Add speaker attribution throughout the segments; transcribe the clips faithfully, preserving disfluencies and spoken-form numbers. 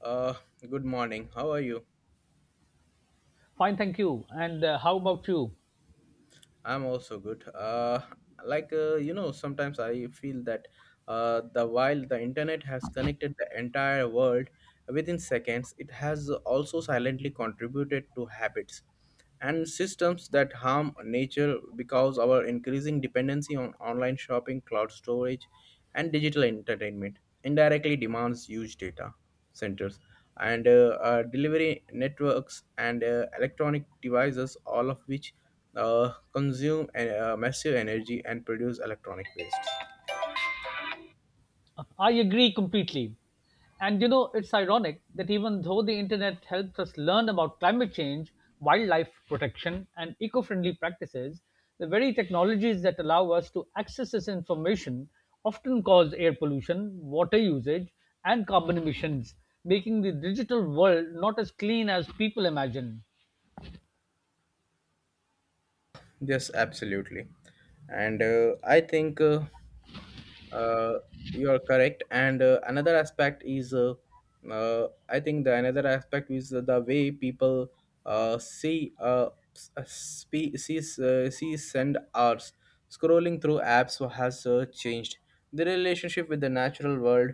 Speaker 1: Uh, Good morning. How are you?
Speaker 2: Fine, thank you. And uh, how about you?
Speaker 1: I'm also good. Uh, like uh, you know, sometimes I feel that uh, the while the internet has connected the entire world within seconds, it has also silently contributed to habits and systems that harm nature because our increasing dependency on online shopping, cloud storage, and digital entertainment indirectly demands huge data centers and uh, uh, delivery networks and uh, electronic devices, all of which uh, consume uh, massive energy and produce electronic waste.
Speaker 2: I agree completely. And you know, it's ironic that even though the internet helps us learn about climate change, wildlife protection, and eco friendly practices, the very technologies that allow us to access this information often cause air pollution, water usage, and carbon emissions, making the digital world not as clean as people imagine.
Speaker 1: Yes, absolutely. And uh, I think. Uh, uh, you are correct and uh, another aspect is uh, uh, I think the another aspect is the way people uh, see uh, s- uh, spe- sees uh, sees and hours scrolling through apps has uh, changed the relationship with the natural world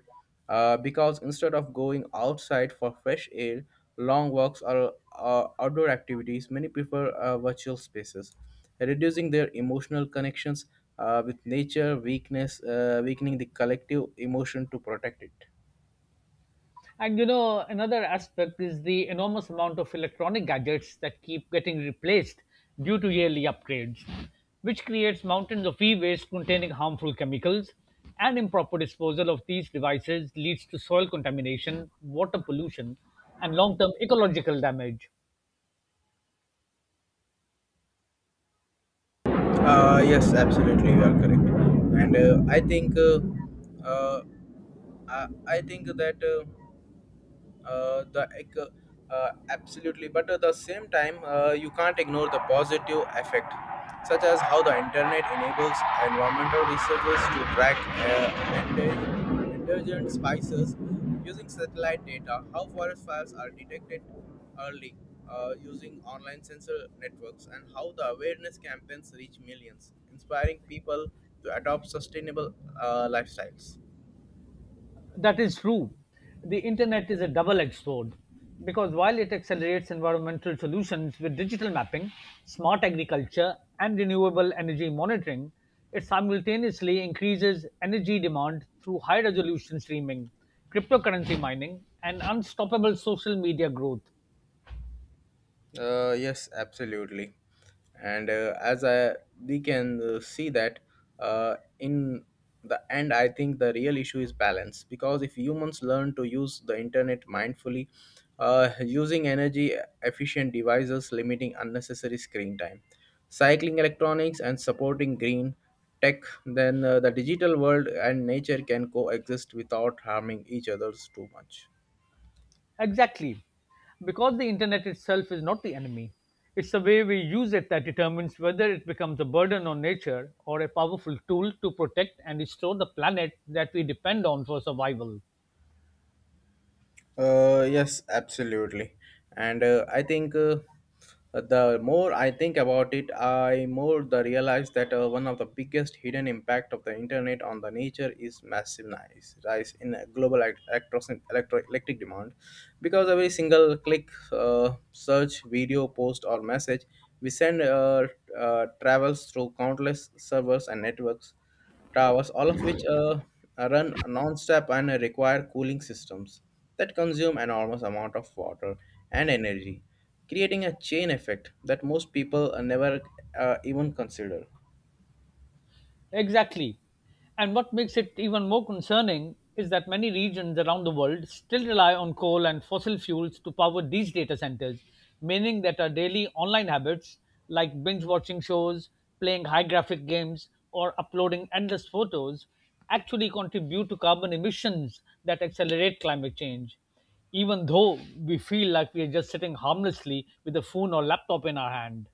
Speaker 1: uh, because instead of going outside for fresh air, long walks, or uh, outdoor activities, many prefer uh, virtual spaces, reducing their emotional connections uh, with nature, weakness uh, weakening the collective emotion to protect it.
Speaker 2: And you know, another aspect is the enormous amount of electronic gadgets that keep getting replaced due to yearly upgrades, which creates mountains of e waste containing harmful chemicals. And improper disposal of these devices leads to soil contamination, water pollution, and long term ecological damage.
Speaker 1: Uh, yes, absolutely, you are correct. And uh, I think uh, uh, I, I think that uh, uh, the ec- uh, absolutely, but at the same time, uh, you can't ignore the positive effect, such as how the internet enables environmental researchers to track uh, and uh, intelligent spices using satellite data, how forest fires are detected early uh, using online sensor networks, and how the awareness campaigns reach millions inspiring people to adopt sustainable uh, lifestyles.
Speaker 2: That is true. The internet is a double edged sword because while it accelerates environmental solutions with digital mapping, smart agriculture, and renewable energy monitoring, it simultaneously increases energy demand through high resolution streaming, cryptocurrency mining, and unstoppable social media growth.
Speaker 1: Uh, yes, absolutely. and uh, as I, we can uh, see that uh, in the end, I think the real issue is balance, because if humans learn to use the internet mindfully, uh, using energy efficient devices, limiting unnecessary screen time, cycling electronics, and supporting green tech, then uh, the digital world and nature can coexist without harming each others too much.
Speaker 2: Exactly. Because the internet itself is not the enemy, it's the way we use it that determines whether it becomes a burden on nature or a powerful tool to protect and restore the planet that we depend on for survival.
Speaker 1: Uh, yes, absolutely. And uh, I think uh, the more I think about it, I more the realize that uh, one of the biggest hidden impact of the internet on the nature is massive nice rise in a global elect- electro- electro- electric demand, because every single click, uh, search, video, post, or message we send uh, uh, travels through countless servers and networks towers, all of which uh, run non-stop and require cooling systems that consume enormous amount of water and energy, creating a chain effect that most people uh, never uh, even consider.
Speaker 2: Exactly. And what makes it even more concerning is that many regions around the world still rely on coal and fossil fuels to power these data centers, meaning that our daily online habits, like binge watching shows, playing high graphic games, or uploading endless photos, actually contribute to carbon emissions that accelerate climate change, even though we feel like we are just sitting harmlessly with a phone or laptop in our hand.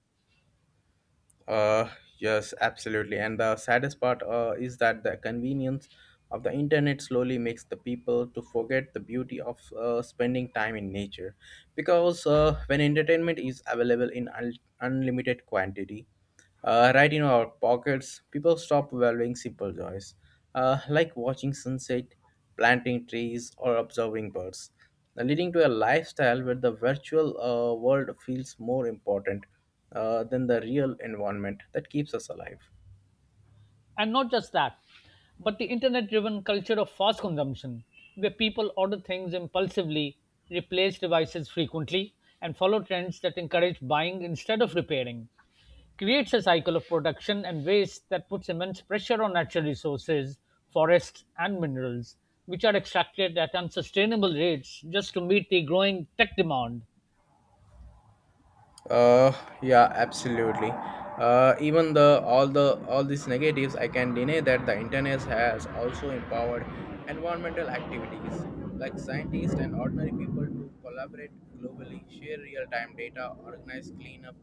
Speaker 1: Uh, yes, absolutely. And the saddest part uh, is that the convenience of the internet slowly makes the people to forget the beauty of uh, spending time in nature because uh, when entertainment is available in un- unlimited quantity uh, right in our pockets, people stop valuing simple joys, uh, like watching sunset, planting trees, or observing birds, leading to a lifestyle where the virtual uh, world feels more important uh, than the real environment that keeps us alive.
Speaker 2: And not just that, but the internet driven culture of fast consumption, where people order things impulsively, replace devices frequently, and follow trends that encourage buying instead of repairing, creates a cycle of production and waste that puts immense pressure on natural resources, forests, and minerals, which are extracted at unsustainable rates just to meet the growing tech demand.
Speaker 1: Uh, yeah, absolutely. Uh, even the all the all these negatives, I can deny that the internet has also empowered environmental activities like scientists and ordinary people to collaborate globally, share real-time data, organize cleanup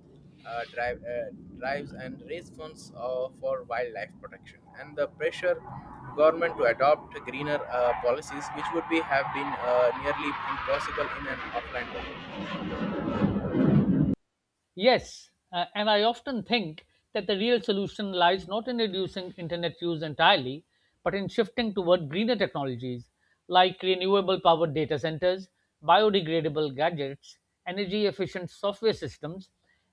Speaker 1: uh, drive, uh, drives, and raise funds uh, for wildlife protection. And the pressure government to adopt greener uh, policies, which would be have been uh, nearly impossible in an offline world.
Speaker 2: Yes, uh, and I often think that the real solution lies not in reducing internet use entirely, but in shifting toward greener technologies like renewable powered data centers, biodegradable gadgets, energy efficient software systems,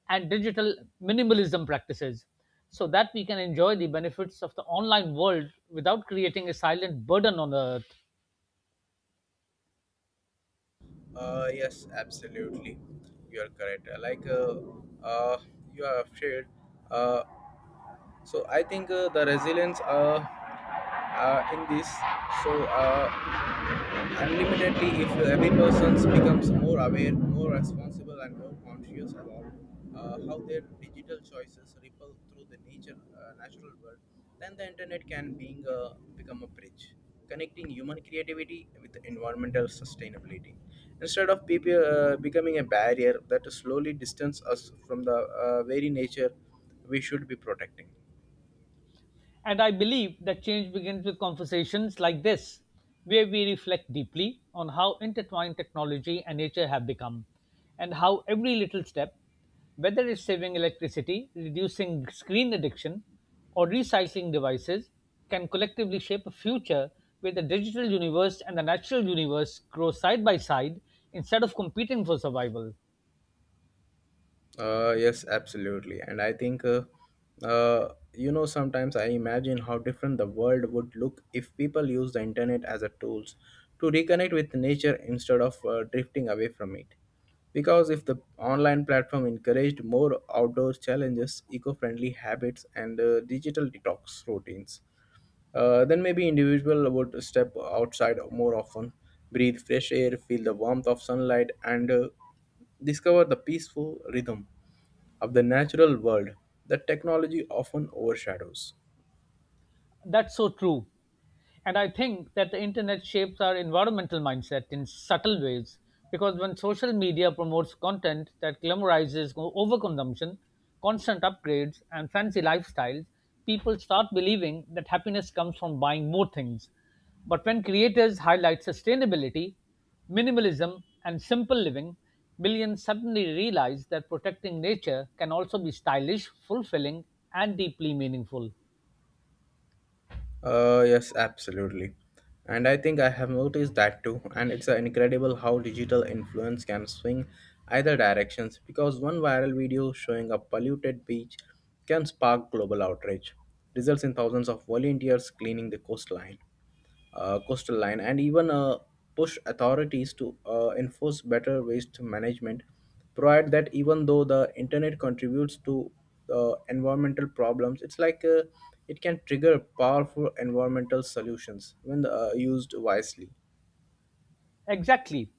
Speaker 2: and digital minimalism practices so that we can enjoy the benefits of the online world without creating a silent burden on the earth.
Speaker 1: Uh, yes, absolutely. You are correct. Uh, Like uh, uh, you have shared. Uh, so I think uh, the resilience uh, uh, in this. So uh, Unlimitedly, if every person becomes more aware, more responsible, and more conscious about uh, how their digital choices ripple through the nature, uh, natural world, then the internet can being a, become a bridge connecting human creativity with environmental sustainability instead of people uh, becoming a barrier that slowly distance us from the uh, very nature we should be protecting.
Speaker 2: And I believe that change begins with conversations like this, where we reflect deeply on how intertwined technology and nature have become, and how every little step, whether it's saving electricity, reducing screen addiction, or recycling devices, can collectively shape a future where the digital universe and the natural universe grow side by side instead of competing for survival.
Speaker 1: Uh, yes, absolutely. And I think, uh, uh, you know, sometimes I imagine how different the world would look if people use the internet as a tools to reconnect with nature instead of uh, drifting away from it. Because if the online platform encouraged more outdoor challenges, eco-friendly habits, and uh, digital detox routines, uh, then maybe individual would step outside more often, breathe fresh air, feel the warmth of sunlight, and uh, discover the peaceful rhythm of the natural world that technology often overshadows.
Speaker 2: That's so true. And I think that the internet shapes our environmental mindset in subtle ways because when social media promotes content that glamorizes o- overconsumption, constant upgrades, and fancy lifestyles, people start believing that happiness comes from buying more things. But when creators highlight sustainability, minimalism, and simple living, millions suddenly realize that protecting nature can also be stylish, fulfilling, and deeply meaningful.
Speaker 1: Uh, yes, absolutely. And I think I have noticed that too. And it's uh, incredible how digital influence can swing either directions, because one viral video showing a polluted beach can spark global outrage, results in thousands of volunteers cleaning the coastline. Uh, coastal line, and even uh, push authorities to uh, enforce better waste management, provide that even though the internet contributes to uh, environmental problems, it's like uh, it can trigger powerful environmental solutions when uh, used wisely.
Speaker 2: Exactly.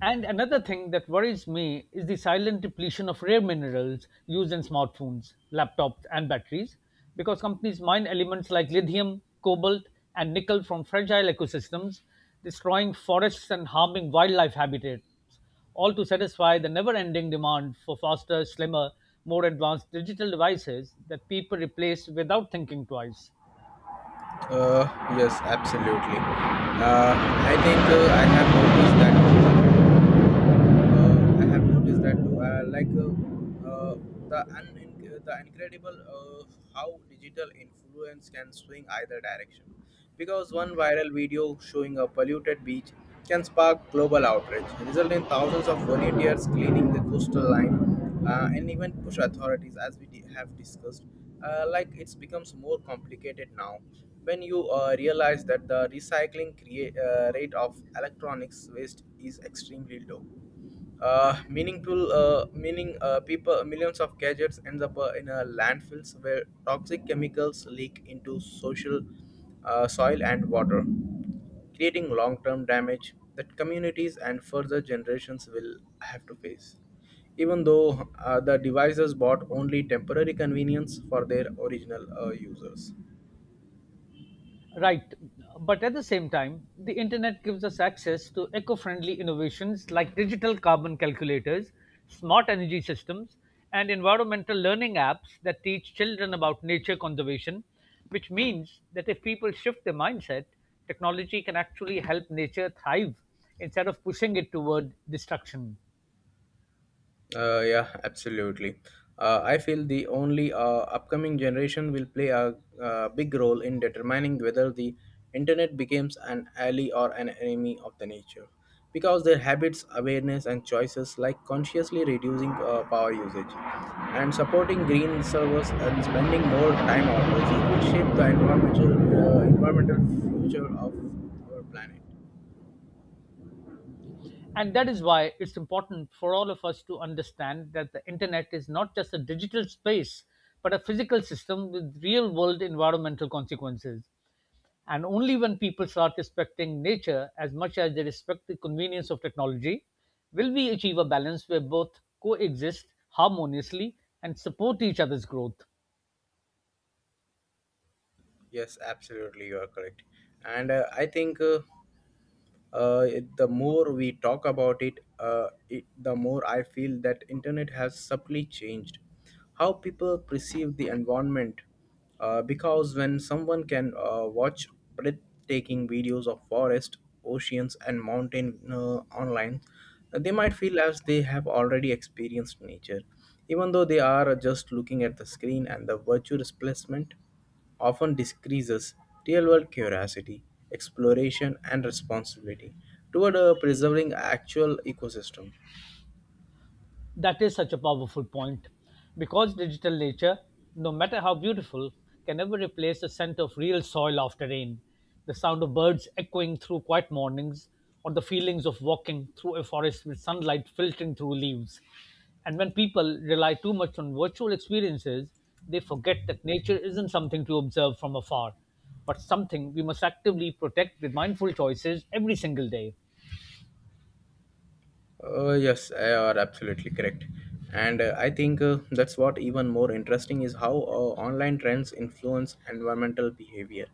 Speaker 2: And another thing that worries me is the silent depletion of rare minerals used in smartphones, laptops, and batteries because companies mine elements like lithium, cobalt, and nickel from fragile ecosystems, destroying forests and harming wildlife habitats, all to satisfy the never ending demand for faster, slimmer, more advanced digital devices that people replace without thinking twice.
Speaker 1: uh, yes, absolutely. Uh, I think uh, I have noticed that uh, I have noticed that too. Uh, like uh, uh, the un- the incredible uh, how digital influence can swing either direction, because one viral video showing a polluted beach can spark global outrage, resulting in thousands of volunteers cleaning the coastal line, uh, and even push authorities, as we di- have discussed. Uh, like, it's becomes more complicated now when you uh, realize that the recycling crea- uh, rate of electronics waste is extremely low, uh, meaningful uh, meaning uh, people, millions of gadgets ends up uh, in uh, landfills where toxic chemicals leak into social uh, soil and water, creating long term damage that communities and further generations will have to face. Even though uh, the devices brought only temporary convenience for their original uh, users.
Speaker 2: Right. But at the same time, the internet gives us access to eco friendly innovations like digital carbon calculators, smart energy systems, and environmental learning apps that teach children about nature conservation, which means that if people shift their mindset, technology can actually help nature thrive instead of pushing it toward destruction.
Speaker 1: Uh, yeah, absolutely. Uh, I feel the only uh, upcoming generation will play a, uh big role in determining whether the internet becomes an ally or an enemy of the nature, because their habits, awareness, and choices, like consciously reducing uh, power usage and supporting green servers and spending more time outdoors, will shape the environmental uh, environmental future of our planet.
Speaker 2: And that is why it's important for all of us to understand that the internet is not just a digital space, but a physical system with real world environmental consequences. And only when people start respecting nature as much as they respect the convenience of technology will we achieve a balance where both coexist harmoniously and support each other's growth.
Speaker 1: Yes, absolutely, you are correct. And uh, I think. Uh, uh, it- the more we talk about it, uh, it the more I feel that internet has subtly changed how people perceive the environment uh, because when someone can uh, watch breathtaking videos of forest, oceans, and mountain uh, online, they might feel as they have already experienced nature even though they are just looking at the screen, and the virtual displacement often decreases real world curiosity, exploration, and responsibility toward uh, preserving actual ecosystem.
Speaker 2: That is such a powerful point because digital nature, no matter how beautiful, can never replace the scent of real soil after rain, the sound of birds echoing through quiet mornings, or the feelings of walking through a forest with sunlight filtering through leaves. And when people rely too much on virtual experiences, they forget that nature isn't something to observe from afar, but something we must actively protect with mindful choices every single day.
Speaker 1: Uh, yes, uh, you are absolutely correct. And uh, I think uh, that's what even more interesting is how uh, online trends influence environmental behavior.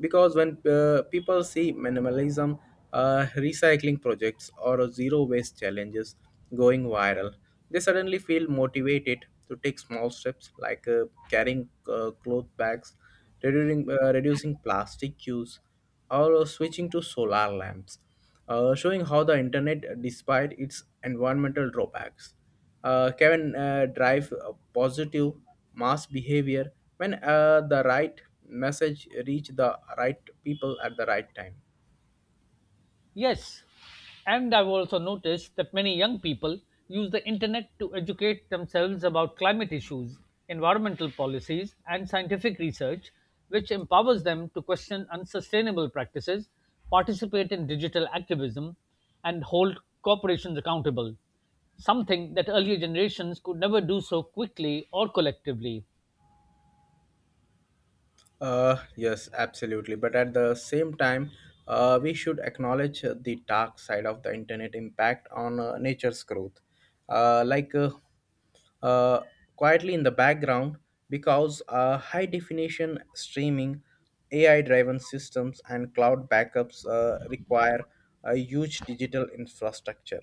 Speaker 1: Because when uh, people see minimalism, uh, recycling projects, or zero waste challenges going viral, they suddenly feel motivated to take small steps like uh, carrying uh, cloth bags, reducing, uh, reducing plastic use, or switching to solar lamps, uh, showing how the internet, despite its environmental drawbacks, uh, can uh, drive a positive mass behavior when uh, the right message reach the right people at the right time.
Speaker 2: Yes, and I've also noticed that many young people use the internet to educate themselves about climate issues, environmental policies, and scientific research, which empowers them to question unsustainable practices, participate in digital activism, and hold corporations accountable, something that earlier generations could never do so quickly or collectively.
Speaker 1: Uh, yes, absolutely. But at the same time, uh, we should acknowledge uh, the dark side of the internet impact on uh, nature's growth. Uh, like uh, uh, Quietly in the background, because uh, high definition streaming, A I driven systems, and cloud backups uh, require a huge digital infrastructure.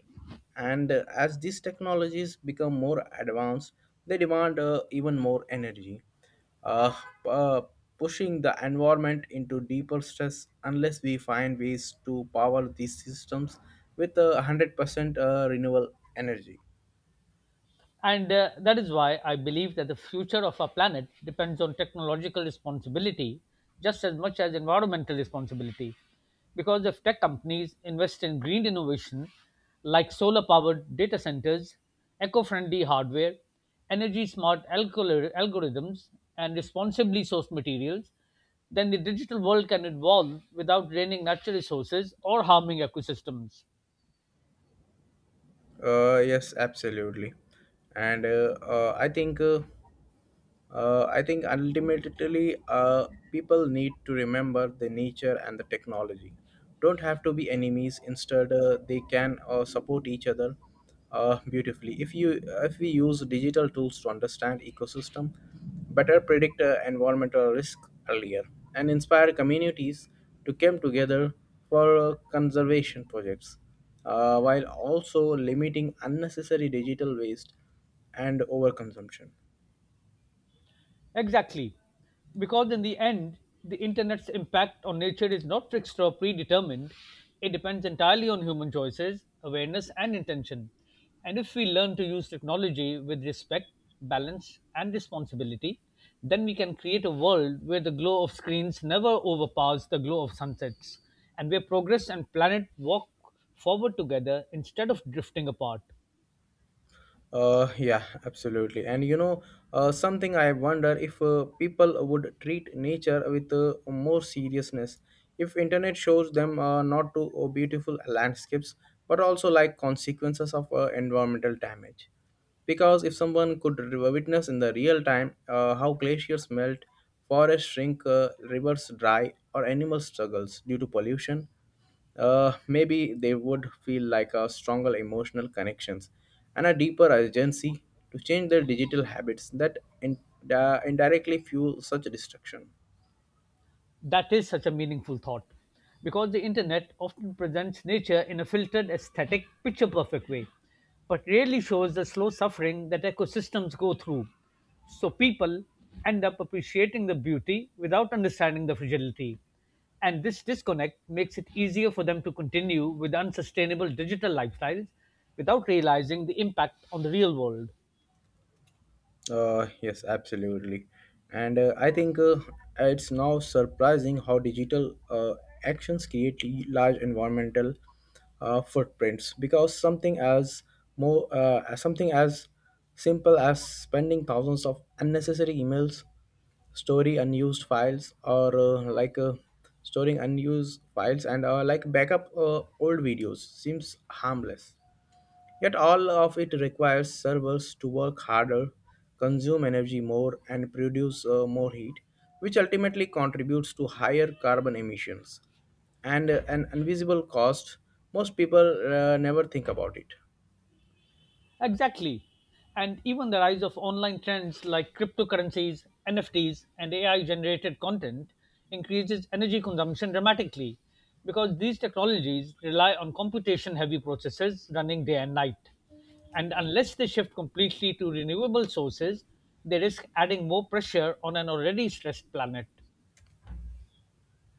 Speaker 1: And uh, as these technologies become more advanced, they demand uh, even more energy, uh, uh, pushing the environment into deeper stress unless we find ways to power these systems with a one hundred percent uh, renewable energy.
Speaker 2: And uh, that is why I believe that the future of our planet depends on technological responsibility just as much as environmental responsibility. Because if tech companies invest in green innovation like solar powered data centers, eco friendly hardware, energy smart algori- algorithms, and responsibly sourced materials, then the digital world can evolve without draining natural resources or harming ecosystems.
Speaker 1: Uh, yes, absolutely. And uh, uh, I think. Uh, uh, I think ultimately, uh, people need to remember the nature and the technology. Don't have to be enemies. Instead, uh, they can uh, support each other uh, beautifully. If you if we use digital tools to understand ecosystem, better predict uh, environmental risk earlier, and inspire communities to come together for uh, conservation projects, uh, while also limiting unnecessary digital waste and overconsumption.
Speaker 2: Exactly. Because in the end, the internet's impact on nature is not fixed or predetermined. It depends entirely on human choices, awareness, and intention. And if we learn to use technology with respect, balance, and responsibility, then we can create a world where the glow of screens never overpowers the glow of sunsets, and where progress and planet walk forward together instead of drifting apart.
Speaker 1: Uh, yeah, absolutely. And you know, uh, something I wonder if uh, people would treat nature with uh, more seriousness if internet shows them uh, not to uh, beautiful landscapes but also like consequences of uh, environmental damage, because if someone could re- witness in the real time uh, how glaciers melt, forests shrink, uh, rivers dry, or animal struggles due to pollution, uh, maybe they would feel like a stronger emotional connections and a deeper urgency to change their digital habits that in, uh, indirectly fuel such destruction.
Speaker 2: That is such a meaningful thought because the internet often presents nature in a filtered, aesthetic, picture perfect way, but rarely shows the slow suffering that ecosystems go through. So people end up appreciating the beauty without understanding the fragility. And this disconnect makes it easier for them to continue with unsustainable digital lifestyles without realizing the impact on the real world.
Speaker 1: Uh, yes, absolutely. And uh, I think uh, it's now surprising how digital uh, actions create l- large environmental uh, footprints, because something as more uh, as something as simple as spending thousands of unnecessary emails, storing unused files, or uh, like uh, storing unused files, and uh, like backup uh, old videos, seems harmless. Yet all of it requires servers to work harder, consume energy more, and produce uh, more heat, which ultimately contributes to higher carbon emissions and uh, an invisible cost. Most people uh, never think about it.
Speaker 2: Exactly. And even the rise of online trends like cryptocurrencies, N F Ts, and A I generated content increases energy consumption dramatically because these technologies rely on computation heavy processes running day and night. And unless they shift completely to renewable sources, they risk adding more pressure on an already stressed planet.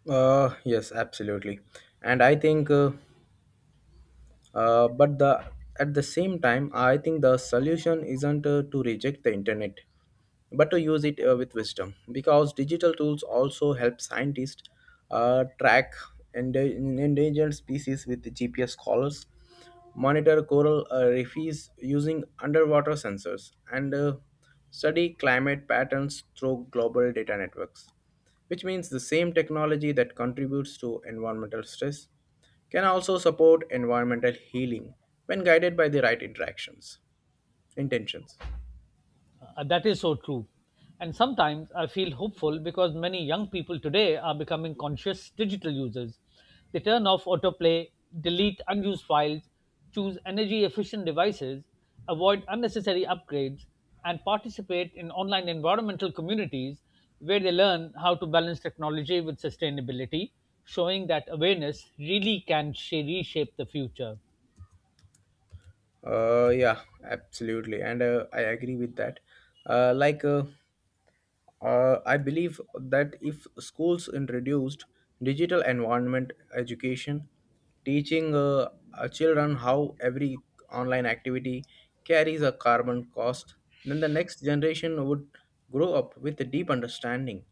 Speaker 1: Uh, yes, absolutely. And I think uh, Uh, but the at the same time, I think the solution isn't uh, to reject the internet, but to use it uh, with wisdom. Because digital tools also help scientists uh, track ende- endangered species with G P S collars, monitor coral uh, reefs using underwater sensors, and uh, study climate patterns through global data networks. Which means the same technology that contributes to environmental stress can also support environmental healing when guided by the right interactions intentions.
Speaker 2: Uh, that is so true. And sometimes I feel hopeful because many young people today are becoming conscious digital users. They turn off autoplay, delete unused files, choose energy efficient devices, avoid unnecessary upgrades, and participate in online environmental communities where they learn how to balance technology with sustainability, showing that awareness really can sh- reshape the future.
Speaker 1: Uh yeah, absolutely, and uh, i agree with that uh like uh, Uh, I believe that if schools introduced digital environment education, teaching uh, uh, children how every online activity carries a carbon cost, then the next generation would grow up with a deep understanding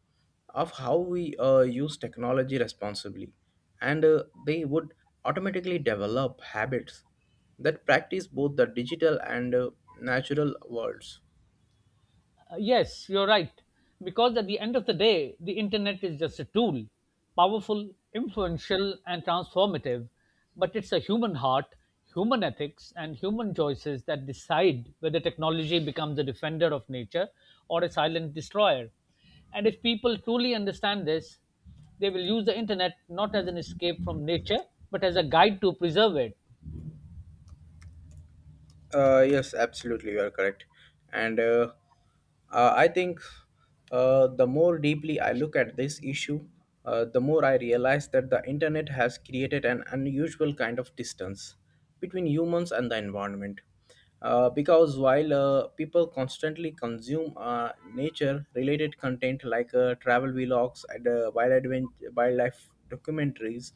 Speaker 1: of how we uh, use technology responsibly, and uh, they would automatically develop habits that practice both the digital and uh, natural worlds.
Speaker 2: Uh, yes, you're right. Because at the end of the day, the internet is just a tool, powerful, influential, and transformative. But it's a human heart, human ethics, and human choices that decide whether technology becomes a defender of nature or a silent destroyer. And if people truly understand this, they will use the internet not as an escape from nature, but as a guide to preserve it.
Speaker 1: Uh, yes, absolutely, you are correct. And uh, uh, I think uh, The more deeply I look at this issue, uh, the more I realize that the internet has created an unusual kind of distance between humans and the environment. Uh, because while uh, people constantly consume uh, nature-related content like uh, travel vlogs and uh, wild advent- wildlife documentaries,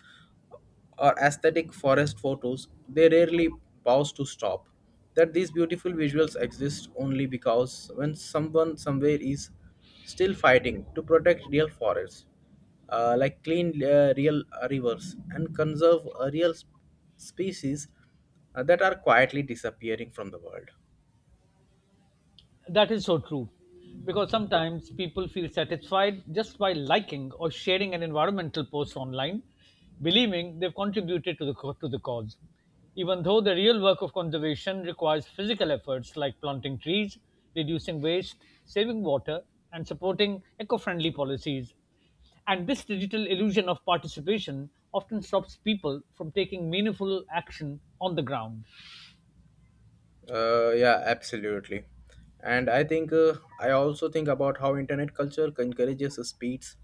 Speaker 1: or aesthetic forest photos, they rarely pause to stop. That these beautiful visuals exist only because when someone somewhere is still fighting to protect real forests, uh, like clean uh, real uh, rivers and conserve uh, real sp- species uh, that are quietly disappearing from the world.
Speaker 2: That is so true. Because sometimes people feel satisfied just by liking or sharing an environmental post online, believing they've contributed to the, co- to the cause. Even though the real work of conservation requires physical efforts like planting trees, reducing waste, saving water, and supporting eco friendly policies. And this digital illusion of participation often stops people from taking meaningful action on the ground.
Speaker 1: Uh, yeah, absolutely. And I think uh, I also think about how internet culture encourages speeds,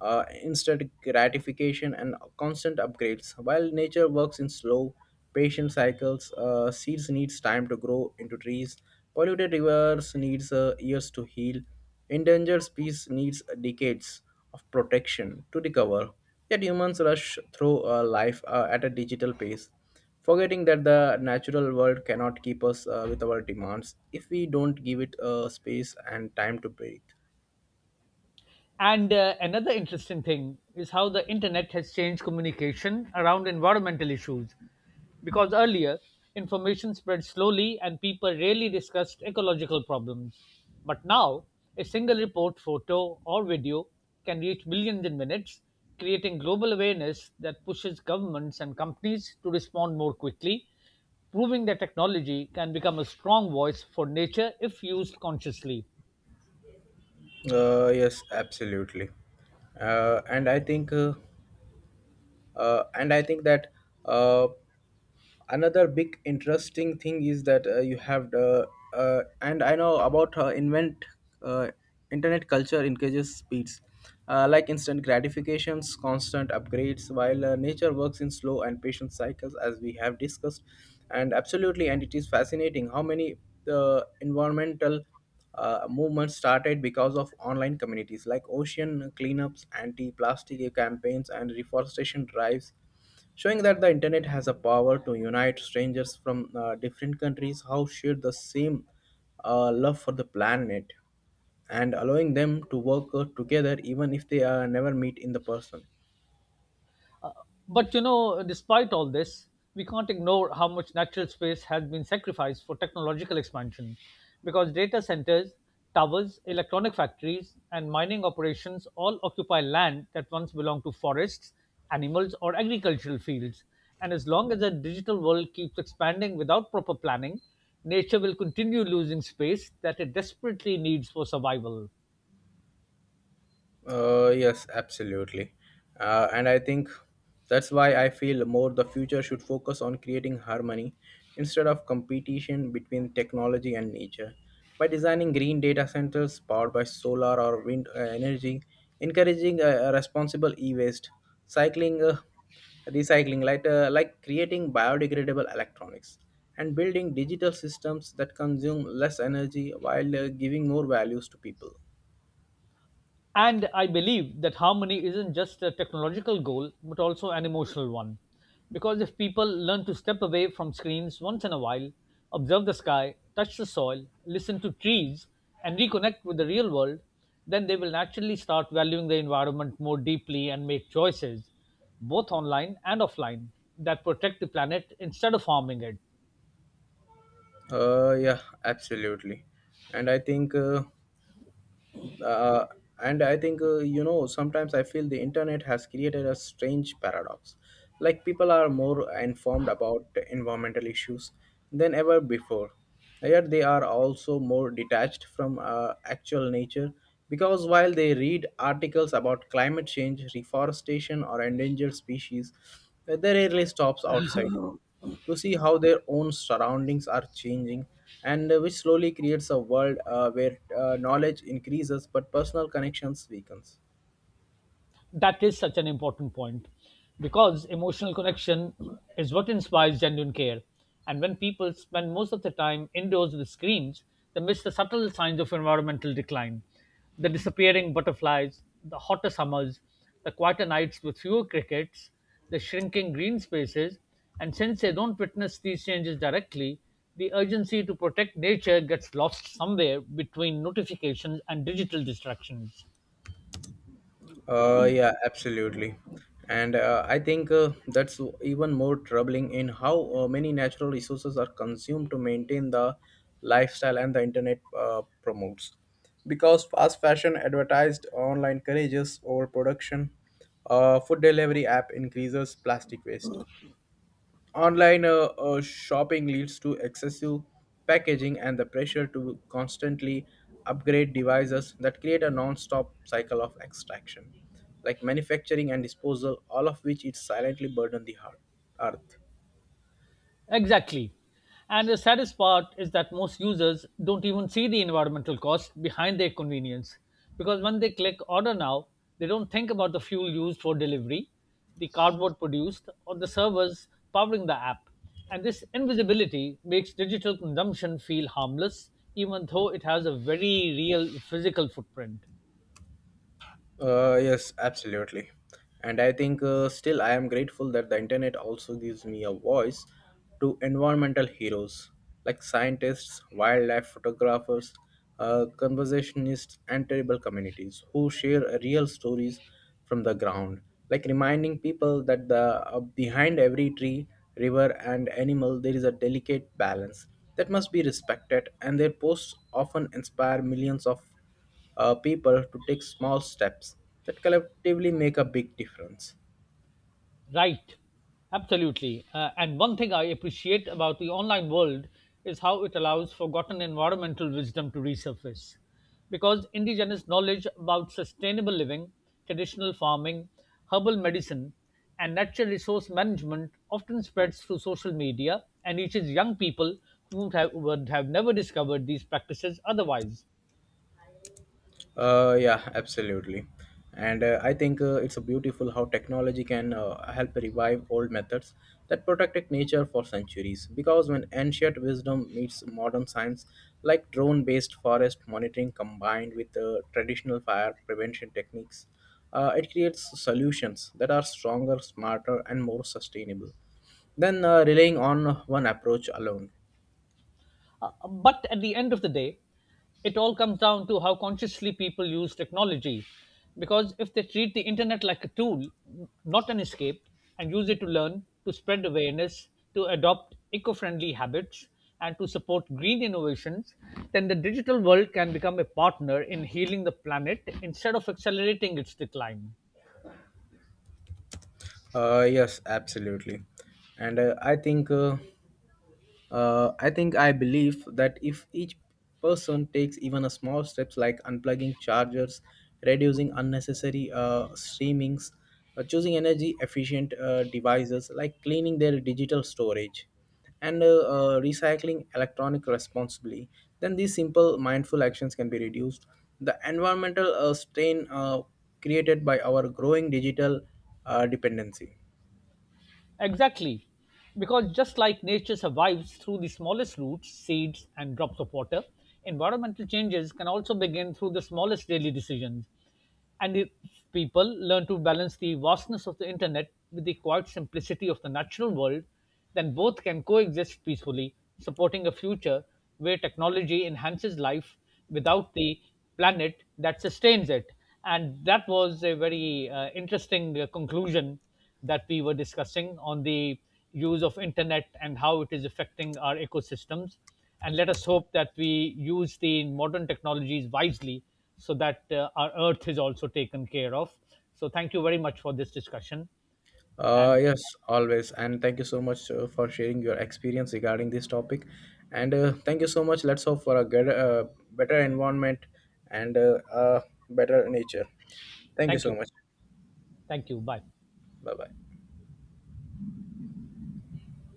Speaker 1: uh, instant gratification, and constant upgrades. While nature works in slow, patient cycles, uh, seeds needs time to grow into trees. Polluted rivers needs uh, years to heal. Endangered species needs decades of protection to recover. Yet humans rush through uh, life uh, at a digital pace, forgetting that the natural world cannot keep us uh, with our demands if we don't give it uh, space and time to breathe.
Speaker 2: And uh, another interesting thing is how the internet has changed communication around environmental issues. Because earlier, information spread slowly and people rarely discussed ecological problems. But now, a single report, photo, or video can reach billions in minutes, creating global awareness that pushes governments and companies to respond more quickly, proving that technology can become a strong voice for nature if used consciously.
Speaker 1: Uh, yes, absolutely. Uh, and I think uh, uh, and I think that uh, another big interesting thing is that uh, you have the uh, and I know about uh, invent uh, internet culture encourages speeds, uh, like instant gratifications, constant upgrades, while uh, nature works in slow and patient cycles, as we have discussed. And absolutely, and it is fascinating how many uh, environmental uh, movement started because of online communities like ocean cleanups, anti plastic campaigns, and reforestation drives, showing that the internet has a power to unite strangers from uh, different countries who share the same uh, love for the planet, and allowing them to work uh, together even if they uh, never meet in the person.
Speaker 2: But you know, despite all this, we can't ignore how much natural space has been sacrificed for technological expansion because data centers, towers, electronic factories, and mining operations all occupy land that once belonged to forests, animals, or agricultural fields. And as long as the digital world keeps expanding without proper planning, nature will continue losing space that it desperately needs for survival.
Speaker 1: Uh, yes, absolutely. Uh, and I think that's why I feel more the future should focus on creating harmony instead of competition between technology and nature. By designing green data centers powered by solar or wind uh, energy, encouraging uh, responsible e-waste, cycling, uh, recycling, like, uh, like creating biodegradable electronics, and building digital systems that consume less energy while uh, giving more values to people.
Speaker 2: And I believe that harmony isn't just a technological goal, but also an emotional one. Because if people learn to step away from screens once in a while, observe the sky, touch the soil, listen to trees, and reconnect with the real world, then they will naturally start valuing the environment more deeply and make choices, both online and offline, that protect the planet instead of harming it.
Speaker 1: Uh, yeah, absolutely. And I think, uh, uh, and I think, uh, you know, sometimes I feel the internet has created a strange paradox. Like people are more informed about environmental issues than ever before. Yet they are also more detached from uh, actual nature, because while they read articles about climate change, reforestation, or endangered species, uh, they rarely stops outside to see how their own surroundings are changing, and uh, which slowly creates a world uh, where uh, knowledge increases but personal connections weakens.
Speaker 2: That is such an important point because emotional connection is what inspires genuine care. And when people spend most of their time indoors with screens, they miss the subtle signs of environmental decline, the disappearing butterflies, the hotter summers, the quieter nights with fewer crickets, the shrinking green spaces. And since they don't witness these changes directly, the urgency to protect nature gets lost somewhere between notifications and digital distractions.
Speaker 1: Uh, yeah, absolutely, and uh, i think uh, that's even more troubling in how uh, many natural resources are consumed to maintain the lifestyle and the internet uh, promotes, because fast fashion advertised online encourages overproduction, uh, food delivery app increases plastic waste, online uh, uh, shopping leads to excessive packaging, and the pressure to constantly upgrade devices that create a non-stop cycle of extraction, like manufacturing and disposal, all of which it silently burden the heart, earth.
Speaker 2: Exactly. And the saddest part is that most users don't even see the environmental cost behind their convenience because when they click order now, they don't think about the fuel used for delivery, the cardboard produced, or the servers powering the app. And this invisibility makes digital consumption feel harmless, even though it has a very real physical footprint.
Speaker 1: Uh, yes, absolutely. And I think uh, still I am grateful that the internet also gives me a voice to environmental heroes like scientists, wildlife photographers, uh, conservationists, and terrible communities who share real stories from the ground, like reminding people that the uh, behind every tree, river, and animal there is a delicate balance that must be respected, and their posts often inspire millions of uh, people to take small steps that collectively make a big difference.
Speaker 2: Right, absolutely. Uh, and one thing I appreciate about the online world is how it allows forgotten environmental wisdom to resurface. Because indigenous knowledge about sustainable living, traditional farming, herbal medicine, and natural resource management often spreads through social media and reaches young people who would have, would have never discovered these practices otherwise.
Speaker 1: Uh, yeah, absolutely. And uh, I think uh, it's a beautiful how technology can uh, help revive old methods that protected nature for centuries. Because when ancient wisdom meets modern science, like drone based forest monitoring combined with uh, traditional fire prevention techniques, uh, it creates solutions that are stronger, smarter, and more sustainable than uh, relying on one approach alone.
Speaker 2: Uh, but at the end of the day, it all comes down to how consciously people use technology. Because if they treat the internet like a tool, not an escape, and use it to learn, to spread awareness, to adopt eco friendly habits, and to support green innovations, then the digital world can become a partner in healing the planet instead of accelerating its decline.
Speaker 1: Uh, yes, absolutely, and uh, I think uh, uh, I think I believe that if each person takes even a small steps like unplugging chargers, reducing unnecessary uh, streamings, uh, choosing energy efficient uh, devices like cleaning their digital storage, and uh, uh, recycling electronic responsibly, then these simple mindful actions can be reduced. The environmental uh, strain uh, created by our growing digital uh, dependency.
Speaker 2: Exactly. Because just like nature survives through the smallest roots, seeds, and drops of water, environmental changes can also begin through the smallest daily decisions. And if people learn to balance the vastness of the internet with the quiet simplicity of the natural world, then both can coexist peacefully, supporting a future where technology enhances life without the planet that sustains it. And that was a very uh, interesting uh, conclusion that we were discussing on the use of internet and how it is affecting our ecosystems, and let us hope that we use the modern technologies wisely so that uh, our earth is also taken care of. So thank you very much for this discussion.
Speaker 1: Uh,
Speaker 2: And
Speaker 1: yes, always. And thank you so much uh, for sharing your experience regarding this topic. And uh, thank you so much. Let's hope for a good, uh, better environment and uh, uh, better nature. Thank you
Speaker 2: thank
Speaker 1: so
Speaker 2: you.
Speaker 1: much.
Speaker 2: Thank you. Bye.
Speaker 1: Bye bye.